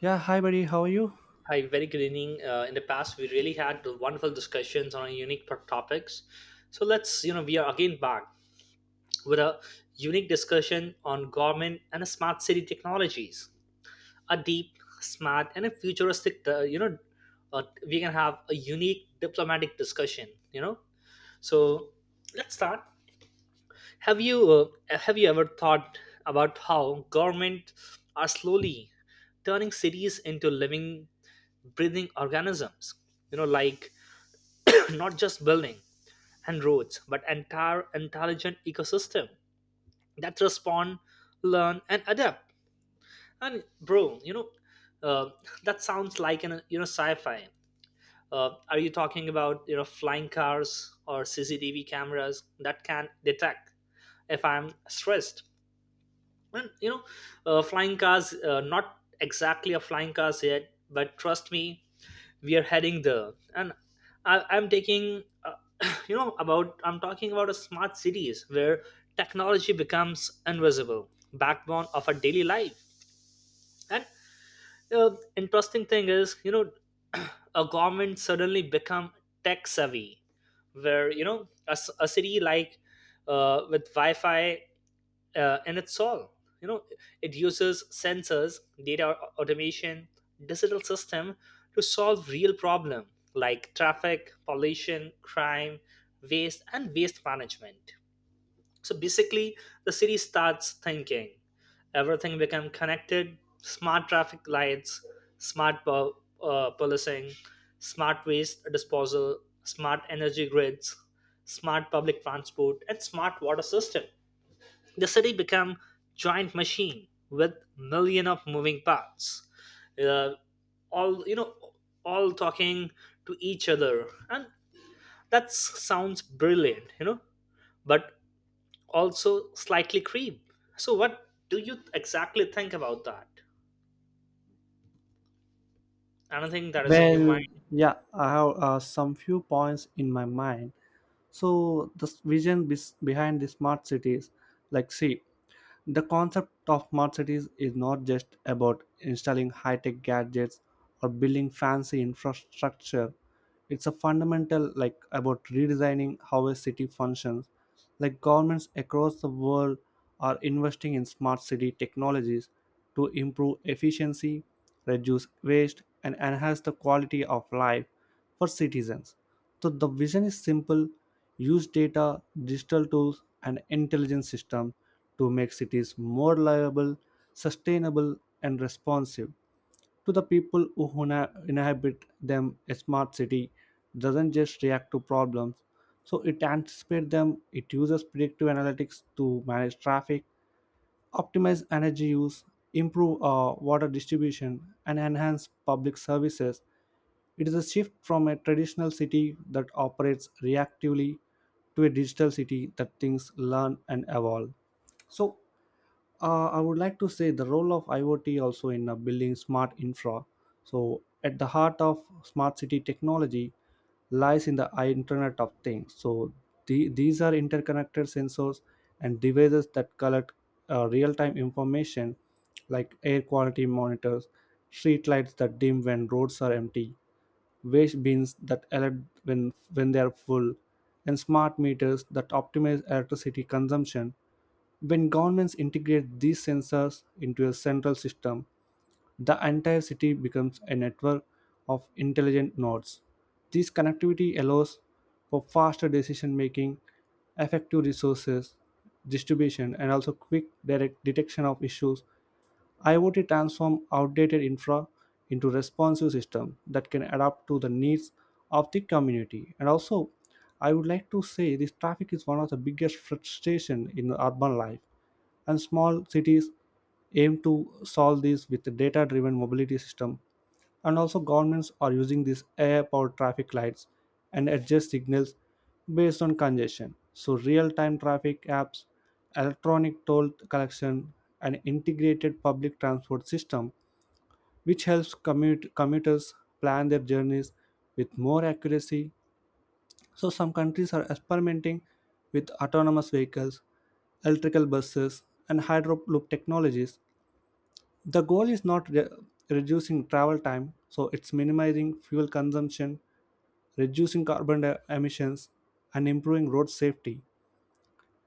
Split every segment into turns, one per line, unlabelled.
Yeah, hi buddy, how are you?
Hi, very good evening. In the past, we really had wonderful discussions on topics. So we are again back with a unique discussion on government and smart city technologies. A deep, smart, and a futuristic, we can have a unique diplomatic discussion. So let's start. Have you uh, have you ever thought about how government are slowly turning cities into living breathing organisms, you know like not just building and roads but entire intelligent ecosystem that respond, learn and adapt. And bro you know uh, that sounds like an sci-fi. Are you talking about flying cars or CCTV cameras that can detect if I'm stressed? And you know flying cars, not exactly a flying cars yet, but trust me, we are heading there. And I'm taking you know about I'm talking about a smart cities where technology becomes invisible backbone of our daily life. And interesting thing is a government suddenly become tech savvy, where a city like, with wi-fi, and it's all, you know it uses sensors, data, automation, digital system to solve real problem like traffic, pollution, crime, waste management. So basically the city starts thinking, everything become connected: smart traffic lights, policing, smart waste disposal, smart energy grids, smart public transport and smart water system. The city become giant machine with million of moving parts, uh, all you know all talking to each other. And sounds brilliant, but also slightly creep. So what do you exactly think about that? Anything that is in your
Well,
mind?
yeah, I have some few points in my mind. So, the vision behind the smart cities, like, see, the concept of smart cities is not just about installing high tech gadgets or building fancy infrastructure. It's a fundamental like about redesigning how a city functions. Like governments across the world are investing in smart city technologies to improve efficiency, reduce waste, and enhance the quality of life for citizens. So the vision is simple, use data, digital tools, and intelligence systems to make cities more livable, sustainable, and responsive to the people who inhabit them. A smart city doesn't just react to problems, so it anticipates them. It uses predictive analytics to manage traffic, optimize energy use, improve water distribution, and enhance public services. It is a shift from a traditional city that operates reactively to a digital city that thinks, learn, and evolve. So, I would like to say the role of IoT also in building smart infra. So, at the heart of smart city technology lies in the Internet of Things. So, these are interconnected sensors and devices that collect real time information like air quality monitors, street lights that dim when roads are empty, waste bins that alert when they are full, and smart meters that optimize electricity consumption. When governments integrate these sensors into a central system, the entire city becomes a network of intelligent nodes. This connectivity allows for faster decision making, effective resources distribution, and also quick direct detection of issues. IoT transforms outdated infra into responsive system that can adapt to the needs of the community. And also, I would like to say this, traffic is one of the biggest frustration in urban life, and small cities aim to solve this with a data-driven mobility system, and also governments are using these AI powered traffic lights and adjust signals based on congestion. So real time traffic apps, electronic toll collection, and integrated public transport system which helps commuters plan their journeys with more accuracy. So some countries are experimenting with autonomous vehicles, electrical buses, and hydroloop technologies. The goal is not reducing travel time, so it's minimizing fuel consumption, reducing carbon emissions, and improving road safety.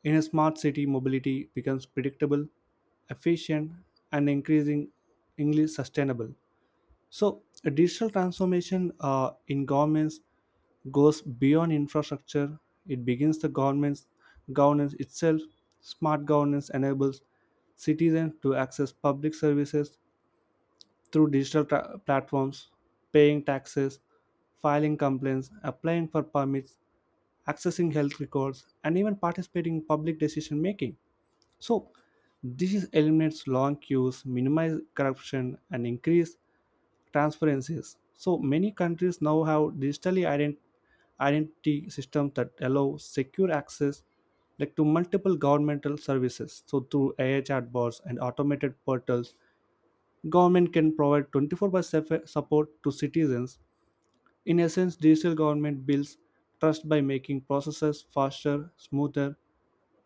In a smart city, mobility becomes predictable, efficient, and increasing English sustainable. So, a digital transformation in governments goes beyond infrastructure. It begins the government's governance itself. Smart governance enables citizens to access public services through digital platforms, paying taxes, filing complaints, applying for permits, accessing health records, and even participating in public decision making. So, this is eliminates long queues, minimize corruption, and increase transparencies. So, many countries now have digitally identity systems that allow secure access like to multiple governmental services. So through AI chatbots and automated portals, government can provide 24 by 7 support to citizens. In essence, digital government builds trust by making processes faster, smoother,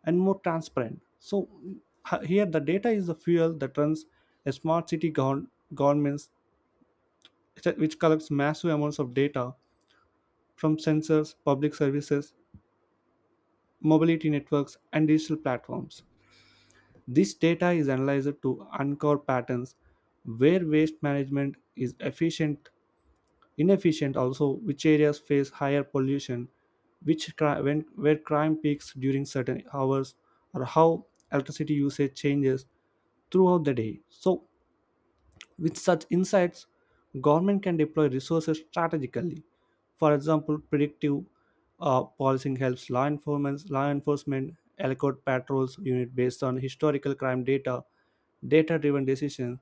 and more transparent. So here the data is the fuel that runs a smart city governments, which collects massive amounts of data from sensors, public services, mobility networks, and digital platforms. This data is analyzed to uncover patterns where waste management is efficient, inefficient, also which areas face higher pollution, which cri- when where crime peaks during certain hours, or how electricity usage changes throughout the day. So with such insights, government can deploy resources strategically. For example, predictive policing helps law enforcement allocate patrols unit based on historical crime data, data-driven decisions.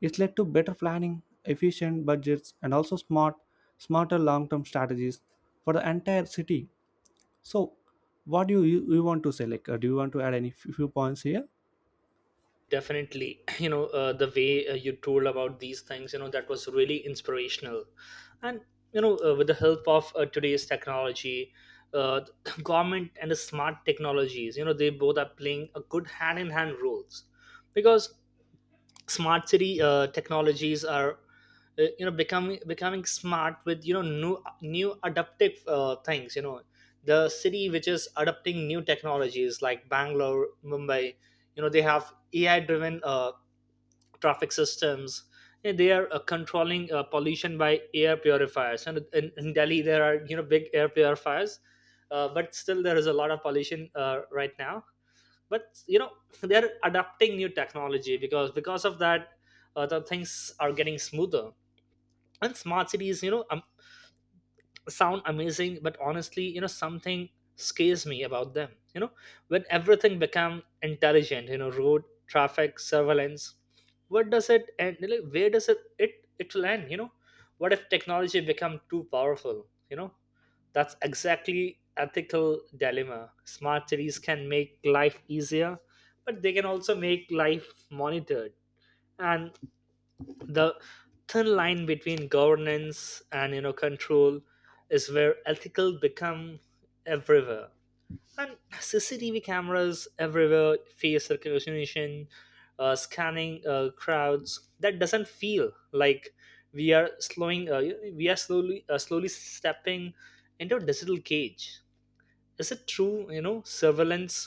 It's led to better planning, efficient budgets, and also smarter long-term strategies for the entire city. So, what do you want to say? Like, do you want to add any few points here?
Definitely. The way you told about these things, that was really inspirational. And with the help of today's technology, uh, government and the smart technologies, they both are playing a good hand in hand roles, because smart city technologies are, becoming smart with new adaptive things, the city which is adopting new technologies like Bangalore, Mumbai. They have AI driven traffic systems, and they are controlling pollution by air purifiers. And in Delhi there are, big air purifiers, but still there is a lot of pollution right now. But they're adapting new technology, because of that, the things are getting smoother. And smart cities, sound amazing, but honestly, something scares me about them, when everything become intelligent, road, traffic, surveillance, where does it end? Like, where does it will end, what if technology become too powerful, that's exactly ethical dilemma. Smart cities can make life easier, but they can also make life monitored. And the thin line between governance and control is where ethical become everywhere. And CCTV cameras everywhere, face recognition, scanning crowds. That doesn't feel like we are slowing. We are slowly stepping into a digital cage. Is it true, surveillance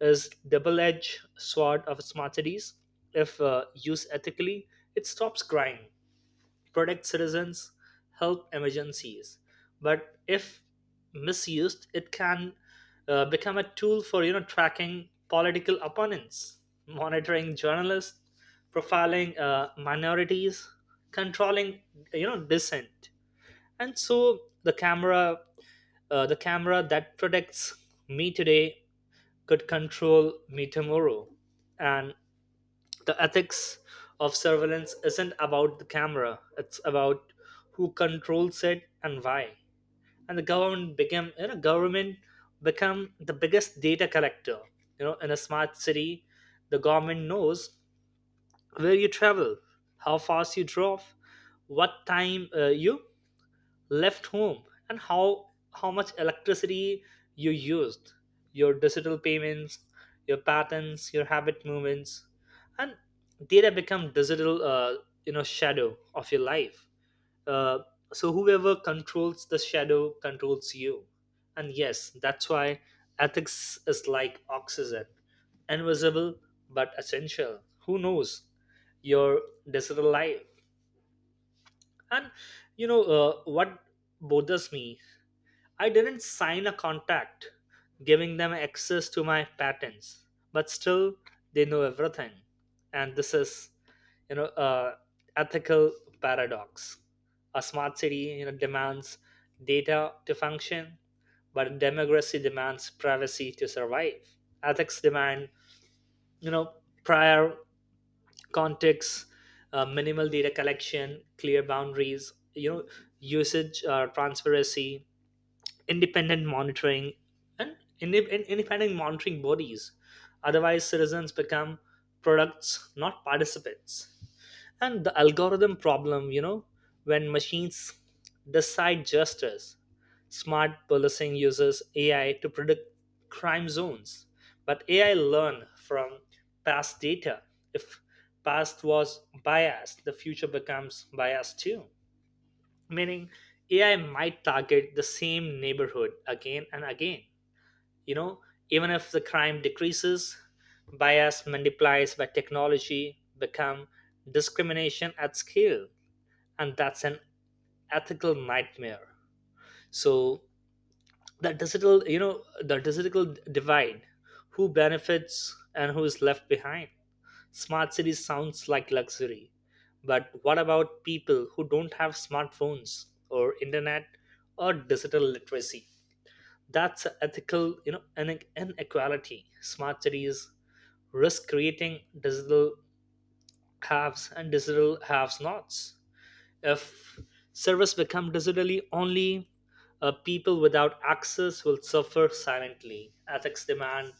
is double-edged sword of smart cities? If used ethically, it stops crime, protects citizens, help emergencies. But if misused, it can become a tool for tracking political opponents, monitoring journalists, profiling minorities, controlling, dissent. And so the camera that protects me today could control me tomorrow. And the ethics of surveillance isn't about the camera, it's about who controls it and why. And the government became, you know, government become the biggest data collector. You know, in a smart city, the government knows where you travel, how fast you drove, what time you left home, and how much electricity you used, your digital payments, your patterns, your habit, movements. And data become digital, shadow of your life. Uh, so whoever controls the shadow controls you. And yes, that's why ethics is like oxygen, invisible but essential. Who knows your digital life? And what bothers me, I didn't sign a contract giving them access to my patents, but still they know everything. And this is, you know, a ethical paradox. A smart city, you know, demands data to function, but a democracy demands privacy to survive. Ethics demand, you know, prior context, minimal data collection, clear boundaries, you know, usage, transparency, independent monitoring, and independent monitoring bodies. Otherwise, citizens become products, not participants. And the algorithm problem, you know, when machines decide justice, smart policing uses AI to predict crime zones, but AI learn from past data. If past was biased, the future becomes biased too, meaning AI might target the same neighborhood again and again, you know, even if the crime decreases, bias multiplies by technology become discrimination at scale. And that's an ethical nightmare. So the digital, the digital divide, who benefits and who is left behind? Smart cities sounds like luxury, but what about people who don't have smartphones or internet or digital literacy? That's a ethical, inequality. Smart cities risk creating digital haves and digital haves-nots. If service become digitally only, people without access will suffer silently. Ethics demand,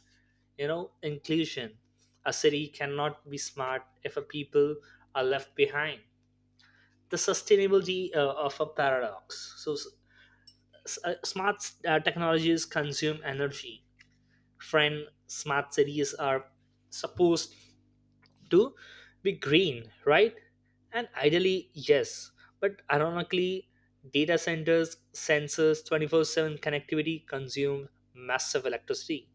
you know, inclusion. A city cannot be smart if a people are left behind. The sustainability of a paradox. So, smart technologies consume energy. Friend, smart cities are supposed to be green, right? And ideally, yes. But ironically, data centers, sensors, 24/7 connectivity consume massive electricity.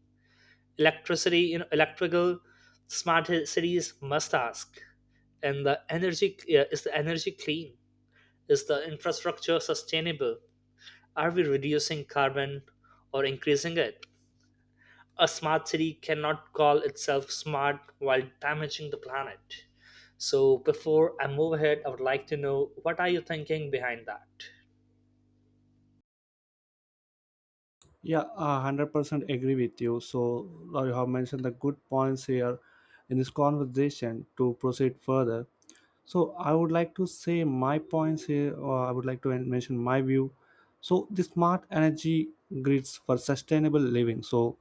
Electricity, you know, electrical cities must ask, and the energy, is the energy clean? Is the infrastructure sustainable? Are we reducing carbon or increasing it? A smart city cannot call itself smart while damaging the planet. So, before I move ahead, I would like to know what are you thinking behind that?
Yeah, 100% agree with you. So, you have mentioned the good points here in this conversation to proceed further. So, I would like to say my points here, or I would like to mention my view. So, the smart energy grids for sustainable living. So,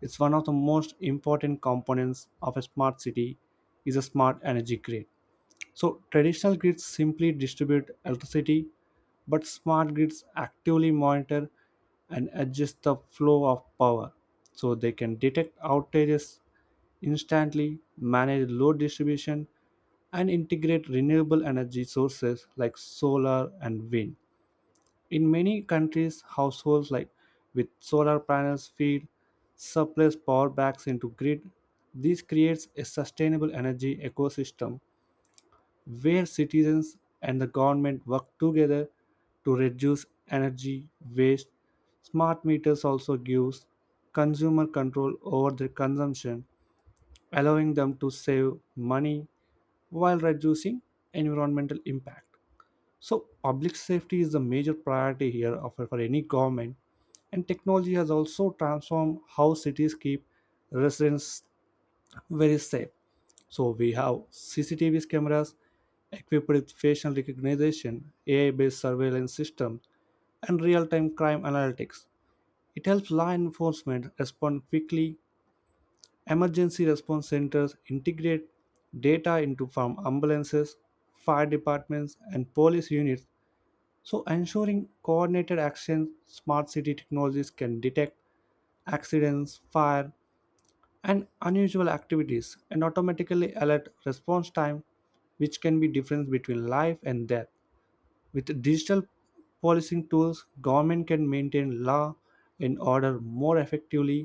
it's one of the most important components of a smart city is a smart energy grid. So traditional grids simply distribute electricity, but smart grids actively monitor and adjust the flow of power, so they can detect outages instantly, manage load distribution, and integrate renewable energy sources like solar and wind. In many countries, households like with solar panels feed surplus power backs into grid. This creates a sustainable energy ecosystem where citizens and the government work together to reduce energy waste. Smart meters also gives consumer control over their consumption, allowing them to save money while reducing environmental impact. So, public safety is the major priority here of for any government, and technology has also transformed how cities keep residents very safe. So we have CCTV cameras equipped with facial recognition, AI-based surveillance systems, and real-time crime analytics. It helps law enforcement respond quickly. Emergency response centers integrate data into from ambulances, fire departments, and police units, so ensuring coordinated actions. Smart city technologies can detect accidents, fire, and unusual activities and automatically alert response time, which can be difference between life and death. With digital policing tools, government can maintain law and order more effectively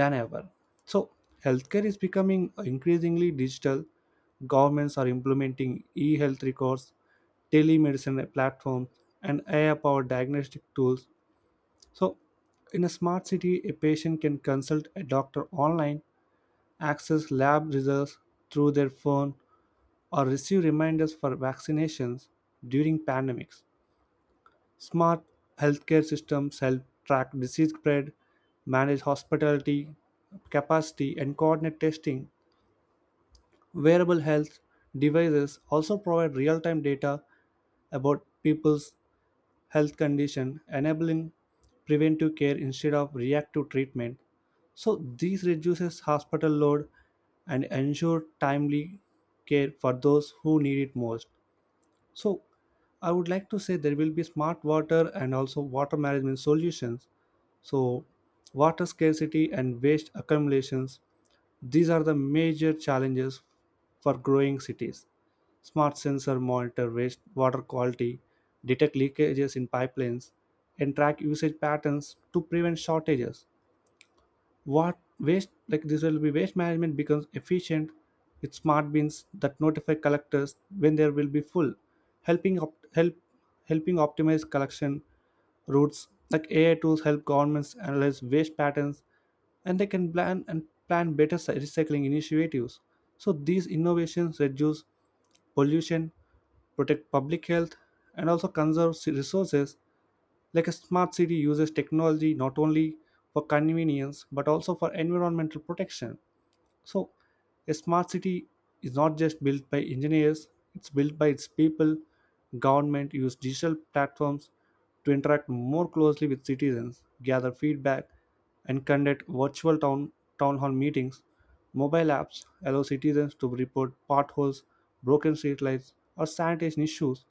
than ever. So healthcare is becoming increasingly digital. Governments are implementing e-health records, telemedicine platforms, and AI powered diagnostic tools. So in a smart city, a patient can consult a doctor online, access lab results through their phone, or receive reminders for vaccinations during pandemics. Smart healthcare systems help track disease spread, manage hospitality capacity, and coordinate testing. Wearable health devices also provide real time data about people's health condition, enabling preventive care instead of reactive treatment. So this reduces hospital load and ensure timely care for those who need it most. So I would like to say there will be smart water and also water management solutions. So water scarcity and waste accumulations, these are the major challenges for growing cities. Smart sensor monitor waste water quality, detect leakages in pipelines, and track usage patterns to prevent shortages. What waste like this will be waste management becomes efficient with smart bins that notify collectors when there will be full, helping op- help helping optimize collection routes. Like AI tools help governments analyze waste patterns and they can plan better recycling initiatives. So these innovations reduce pollution, protect public health, and also conserve resources. Like a smart city uses technology not only for convenience but also for environmental protection. So, a smart city is not just built by engineers, it's built by its people. Government use digital platforms to interact more closely with citizens, gather feedback, and conduct town hall meetings. Mobile apps allow citizens to report potholes, broken streetlights, or sanitation issues,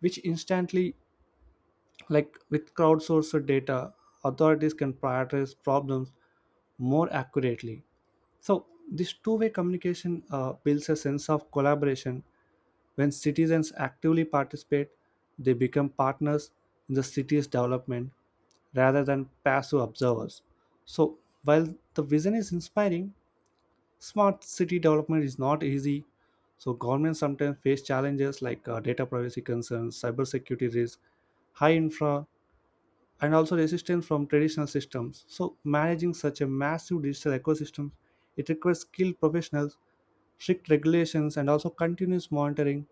which instantly, like with crowdsourced data, authorities can prioritize problems more accurately. So, this two-way communication builds a sense of collaboration. When citizens actively participate, they become partners in the city's development rather than passive observers. So, while the vision is inspiring, smart city development is not easy. So, governments sometimes face challenges like data privacy concerns, cybersecurity risks, high infra, and also resistance from traditional systems. So, managing such a massive digital ecosystem, it requires skilled professionals, strict regulations, and also continuous monitoring.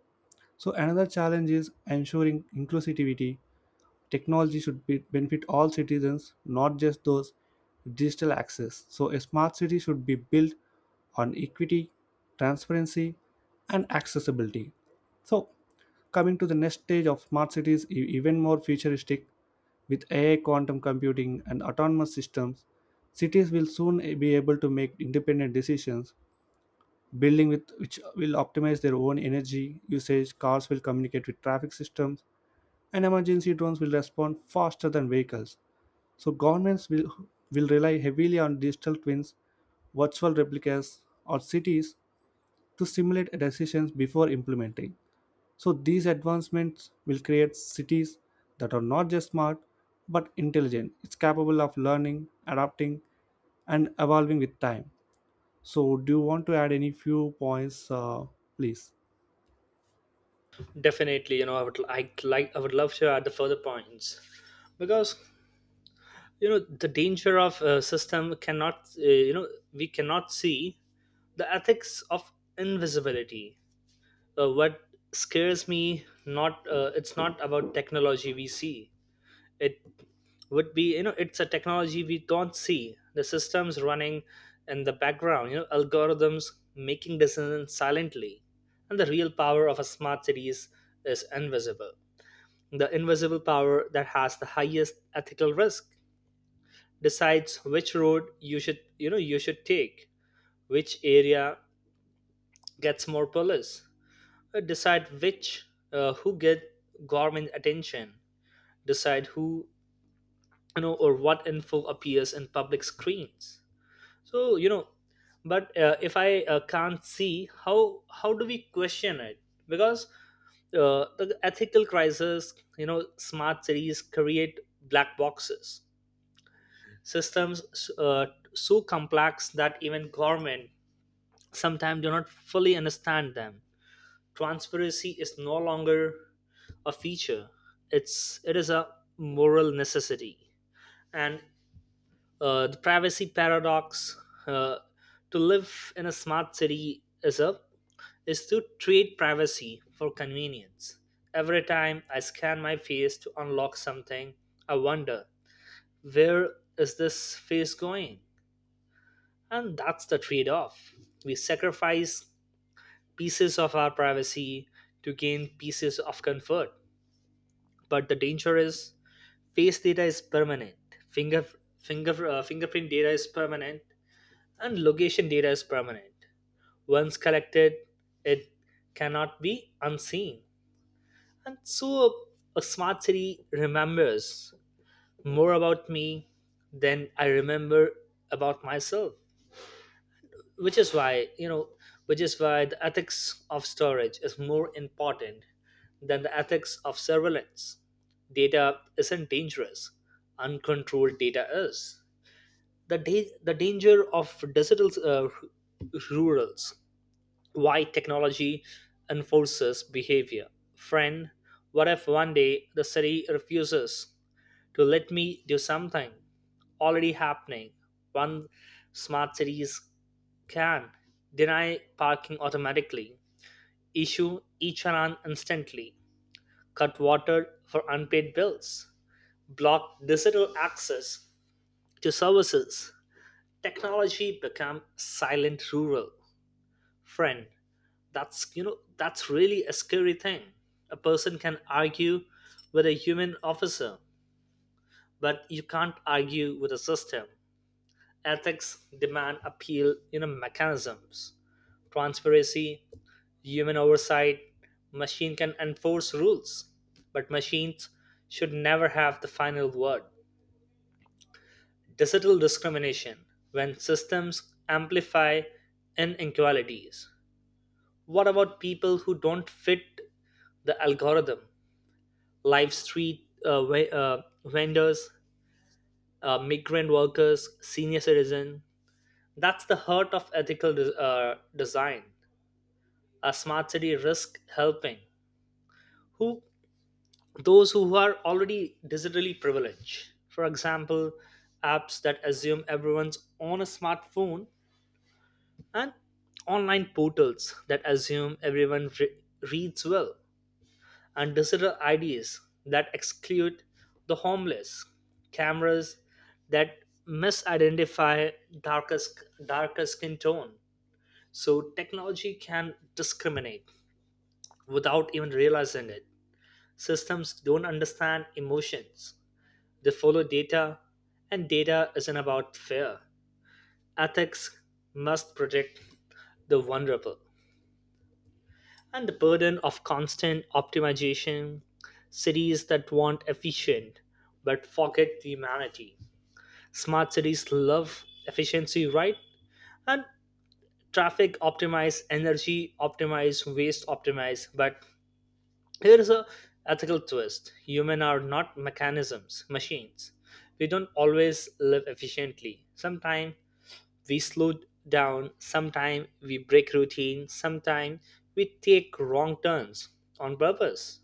So, another challenge is ensuring inclusivity. Technology should be benefit all citizens, not just those with digital access. So, a smart city should be built on equity, transparency, and accessibility. So, coming to the next stage of smart cities, even more futuristic with AI, quantum computing, and autonomous systems, cities will soon be able to make independent decisions. Building with which will optimize their own energy usage, cars will communicate with traffic systems, and emergency drones will respond faster than vehicles. So governments will rely heavily on digital twins, virtual replicas, or cities to simulate decisions before implementing. So these advancements will create cities that are not just smart but intelligent. It's capable of learning, adapting, and evolving with time. So, do you want to add any few points, please?
Definitely, you know, I would like I would love to add the further points, because you know the danger of a system cannot, you know, we cannot see the ethics of invisibility. What scares me not, it's not about technology we see it would be, you know, it's a technology we don't see, the systems running in the background, you know, algorithms making decisions silently. And the real power of a smart cities is invisible. The invisible power that has the highest ethical risk decides which road you should take, which area gets more police, decide which who get government attention, decide who, you know, or what info appears in public screens. So you know, but if I can't see how, do we question it? Because the ethical crisis, you know, smart cities create black boxes systems, uh, so complex that even government sometimes do not fully understand them. Transparency is no longer a feature, it is a moral necessity. And the privacy paradox, uh, to live in a smart city is to trade privacy for convenience. Every time I scan my face to unlock something, I wonder, where is this face going? And that's the trade-off. We sacrifice pieces of our privacy to gain pieces of comfort. But the danger is, face data is permanent. Finger, fingerprint data is permanent, and location data is permanent. Once collected, it cannot be unseen. And so a smart city remembers more about me than I remember about myself, which is why, the ethics of storage is more important than the ethics of surveillance. Data isn't dangerous, uncontrolled data is. The danger of digital, rurals, why technology enforces behavior. Friend, what if one day the city refuses to let me do something? Already happening. One, smart cities can deny parking automatically, issue e-challan instantly, cut water for unpaid bills, block digital access to services. Technology become silent rural. Friend, that's, you know, that's really a scary thing. A person can argue with a human officer, but you can't argue with a system. Ethics demand appeal, you know, mechanisms, transparency, human oversight. Machine can enforce rules, but machines should never have the final word. Digital discrimination, when systems amplify inequalities, what about people who don't fit the algorithm? Live street vendors, migrant workers, senior citizen. That's the heart of ethical design. A smart city risk helping who? Those who are already digitally privileged. For example, apps that assume everyone's on a smartphone, and online portals that assume reads well, and digital IDs that exclude the homeless, cameras that misidentify darkest, darker skin tone. So technology can discriminate without even realizing it. Systems don't understand emotions, they follow data, and data isn't about fear. Ethics must protect the vulnerable. And the burden of constant optimization, cities that want efficient but forget the humanity. Smart cities love efficiency, right? And traffic optimize, energy optimize, waste optimize. But here is a ethical twist. Human are not mechanisms, machines. We don't always live efficiently. Sometimes we slow down, sometimes we break routine, sometimes we take wrong turns on purpose.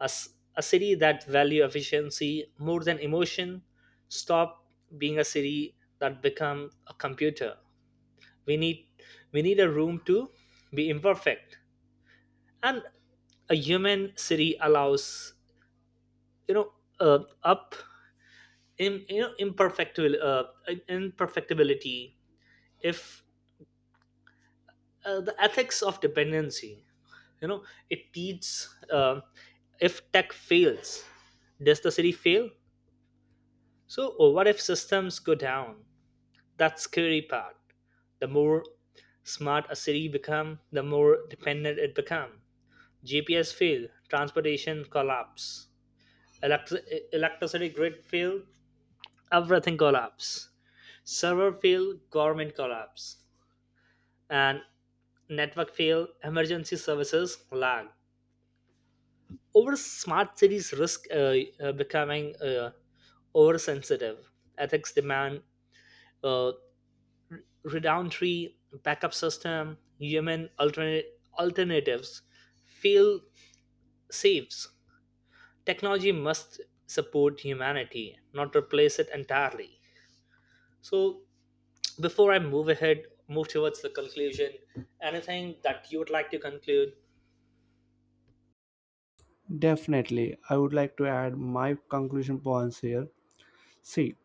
A city that value efficiency more than emotion stop being a city, that become a computer. We need we need a room to be imperfect. And a human city allows, you know up in you know imperfect in- imperfectibility. If the ethics of dependency, you know, it teaches if tech fails, does the city fail? So or what if systems go down? That's scary part. The more smart a city become, the more dependent it become. GPS fail, transportation collapse, electricity grid fail, everything collapse. Server fail, government collapse, and network fail, emergency services lag. Over smart cities risk becoming oversensitive. Ethics demand uh, Redundantry, backup system, human alternatives, fail saves. Technology must support humanity, not replace it entirely. So, before I move ahead, move towards the conclusion, anything that you would like to conclude?
Definitely, I would like to add my conclusion points here. See,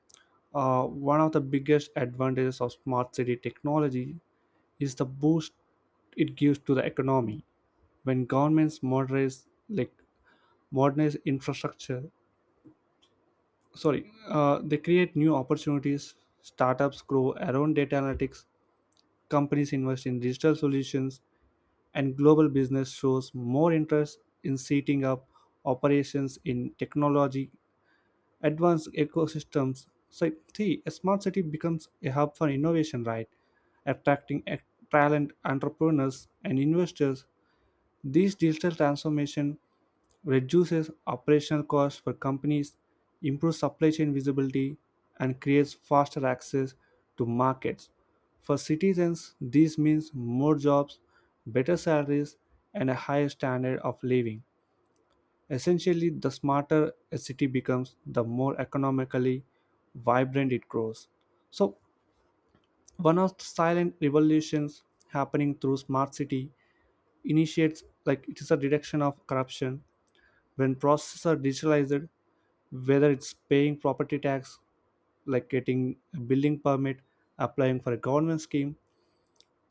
one of the biggest advantages of smart city technology is the boost it gives to the economy. When governments modernize infrastructure, sorry, they create new opportunities. Startups grow around data analytics. Companies invest in digital solutions, and global business shows more interest in setting up operations in technology advanced ecosystems. So, see, a smart city becomes a hub for innovation, right? Attracting talent, entrepreneurs, and investors. This digital transformation reduces operational costs for companies, improves supply chain visibility, and creates faster access to markets. For citizens, this means more jobs, better salaries, and a higher standard of living. Essentially, the smarter a city becomes, the more economically vibrant it grows. So, one of the silent revolutions happening through smart city initiates, like it is a reduction of corruption when processes are digitalized, whether it's paying property tax, like getting a building permit, applying for a government scheme,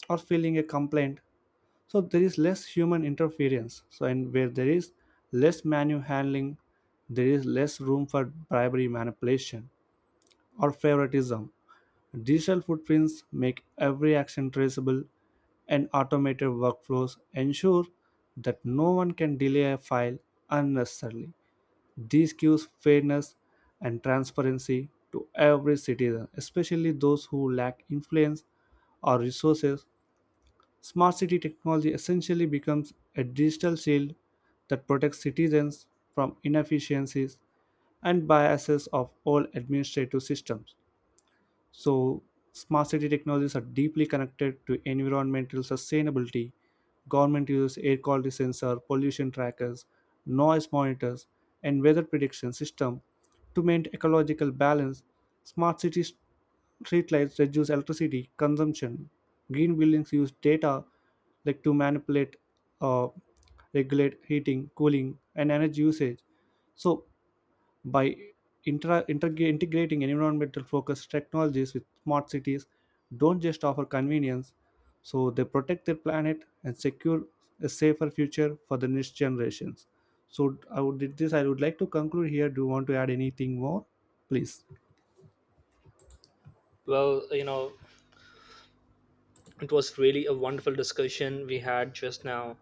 or filing a complaint. So there is less human interference, so and where there is less manual handling, there is less room for bribery, manipulation, or favoritism. Digital footprints make every action traceable, and automated workflows ensure that no one can delay a file unnecessarily. This gives fairness and transparency to every citizen, especially those who lack influence or resources. Smart city technology essentially becomes a digital shield that protects citizens from inefficiencies and biases of old administrative systems. So, smart city technologies are deeply connected to environmental sustainability. Government uses air quality sensor, pollution trackers, noise monitors, and weather prediction system to maintain ecological balance. Smart city streetlights reduce electricity consumption. Green buildings use data like to manipulate, uh, regulate heating, cooling, and energy usage. So by integrating environmental focused technologies with smart cities, don't just offer convenience, so they protect their planet and secure a safer future for the next generations. So I would like to conclude here. Do you want to add anything more, please?
Well, you know, it was really a wonderful discussion we had just now.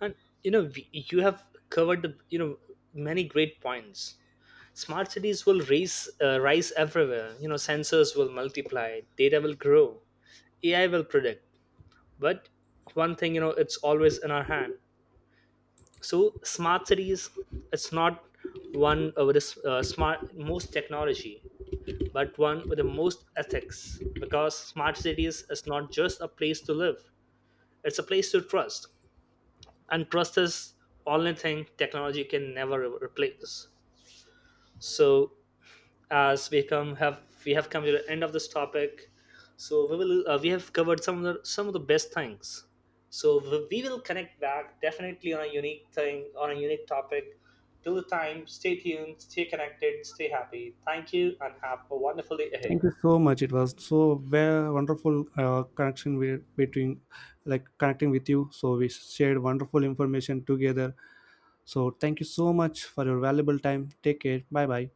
And, you know, you have covered, the, you know, many great points. Smart cities will rise everywhere, you know, sensors will multiply, data will grow, AI will predict. But one thing, you know, it's always in our hand. So smart cities, it's not one with the, smart most technology, but one with the most ethics, because smart cities is not just a place to live, it's a place to trust. And trust is only thing technology can never replace. So as we come have we have come to the end of this topic, so we have covered some of the best things. So we will connect back definitely on a unique thing, on a unique topic. Till the time, stay tuned, stay connected, stay happy. Thank you, and have a wonderful day ahead.
Thank you so much. It was so very wonderful connection between like connecting with you. So we shared wonderful information together. So thank you so much for your valuable time. Take care, bye bye.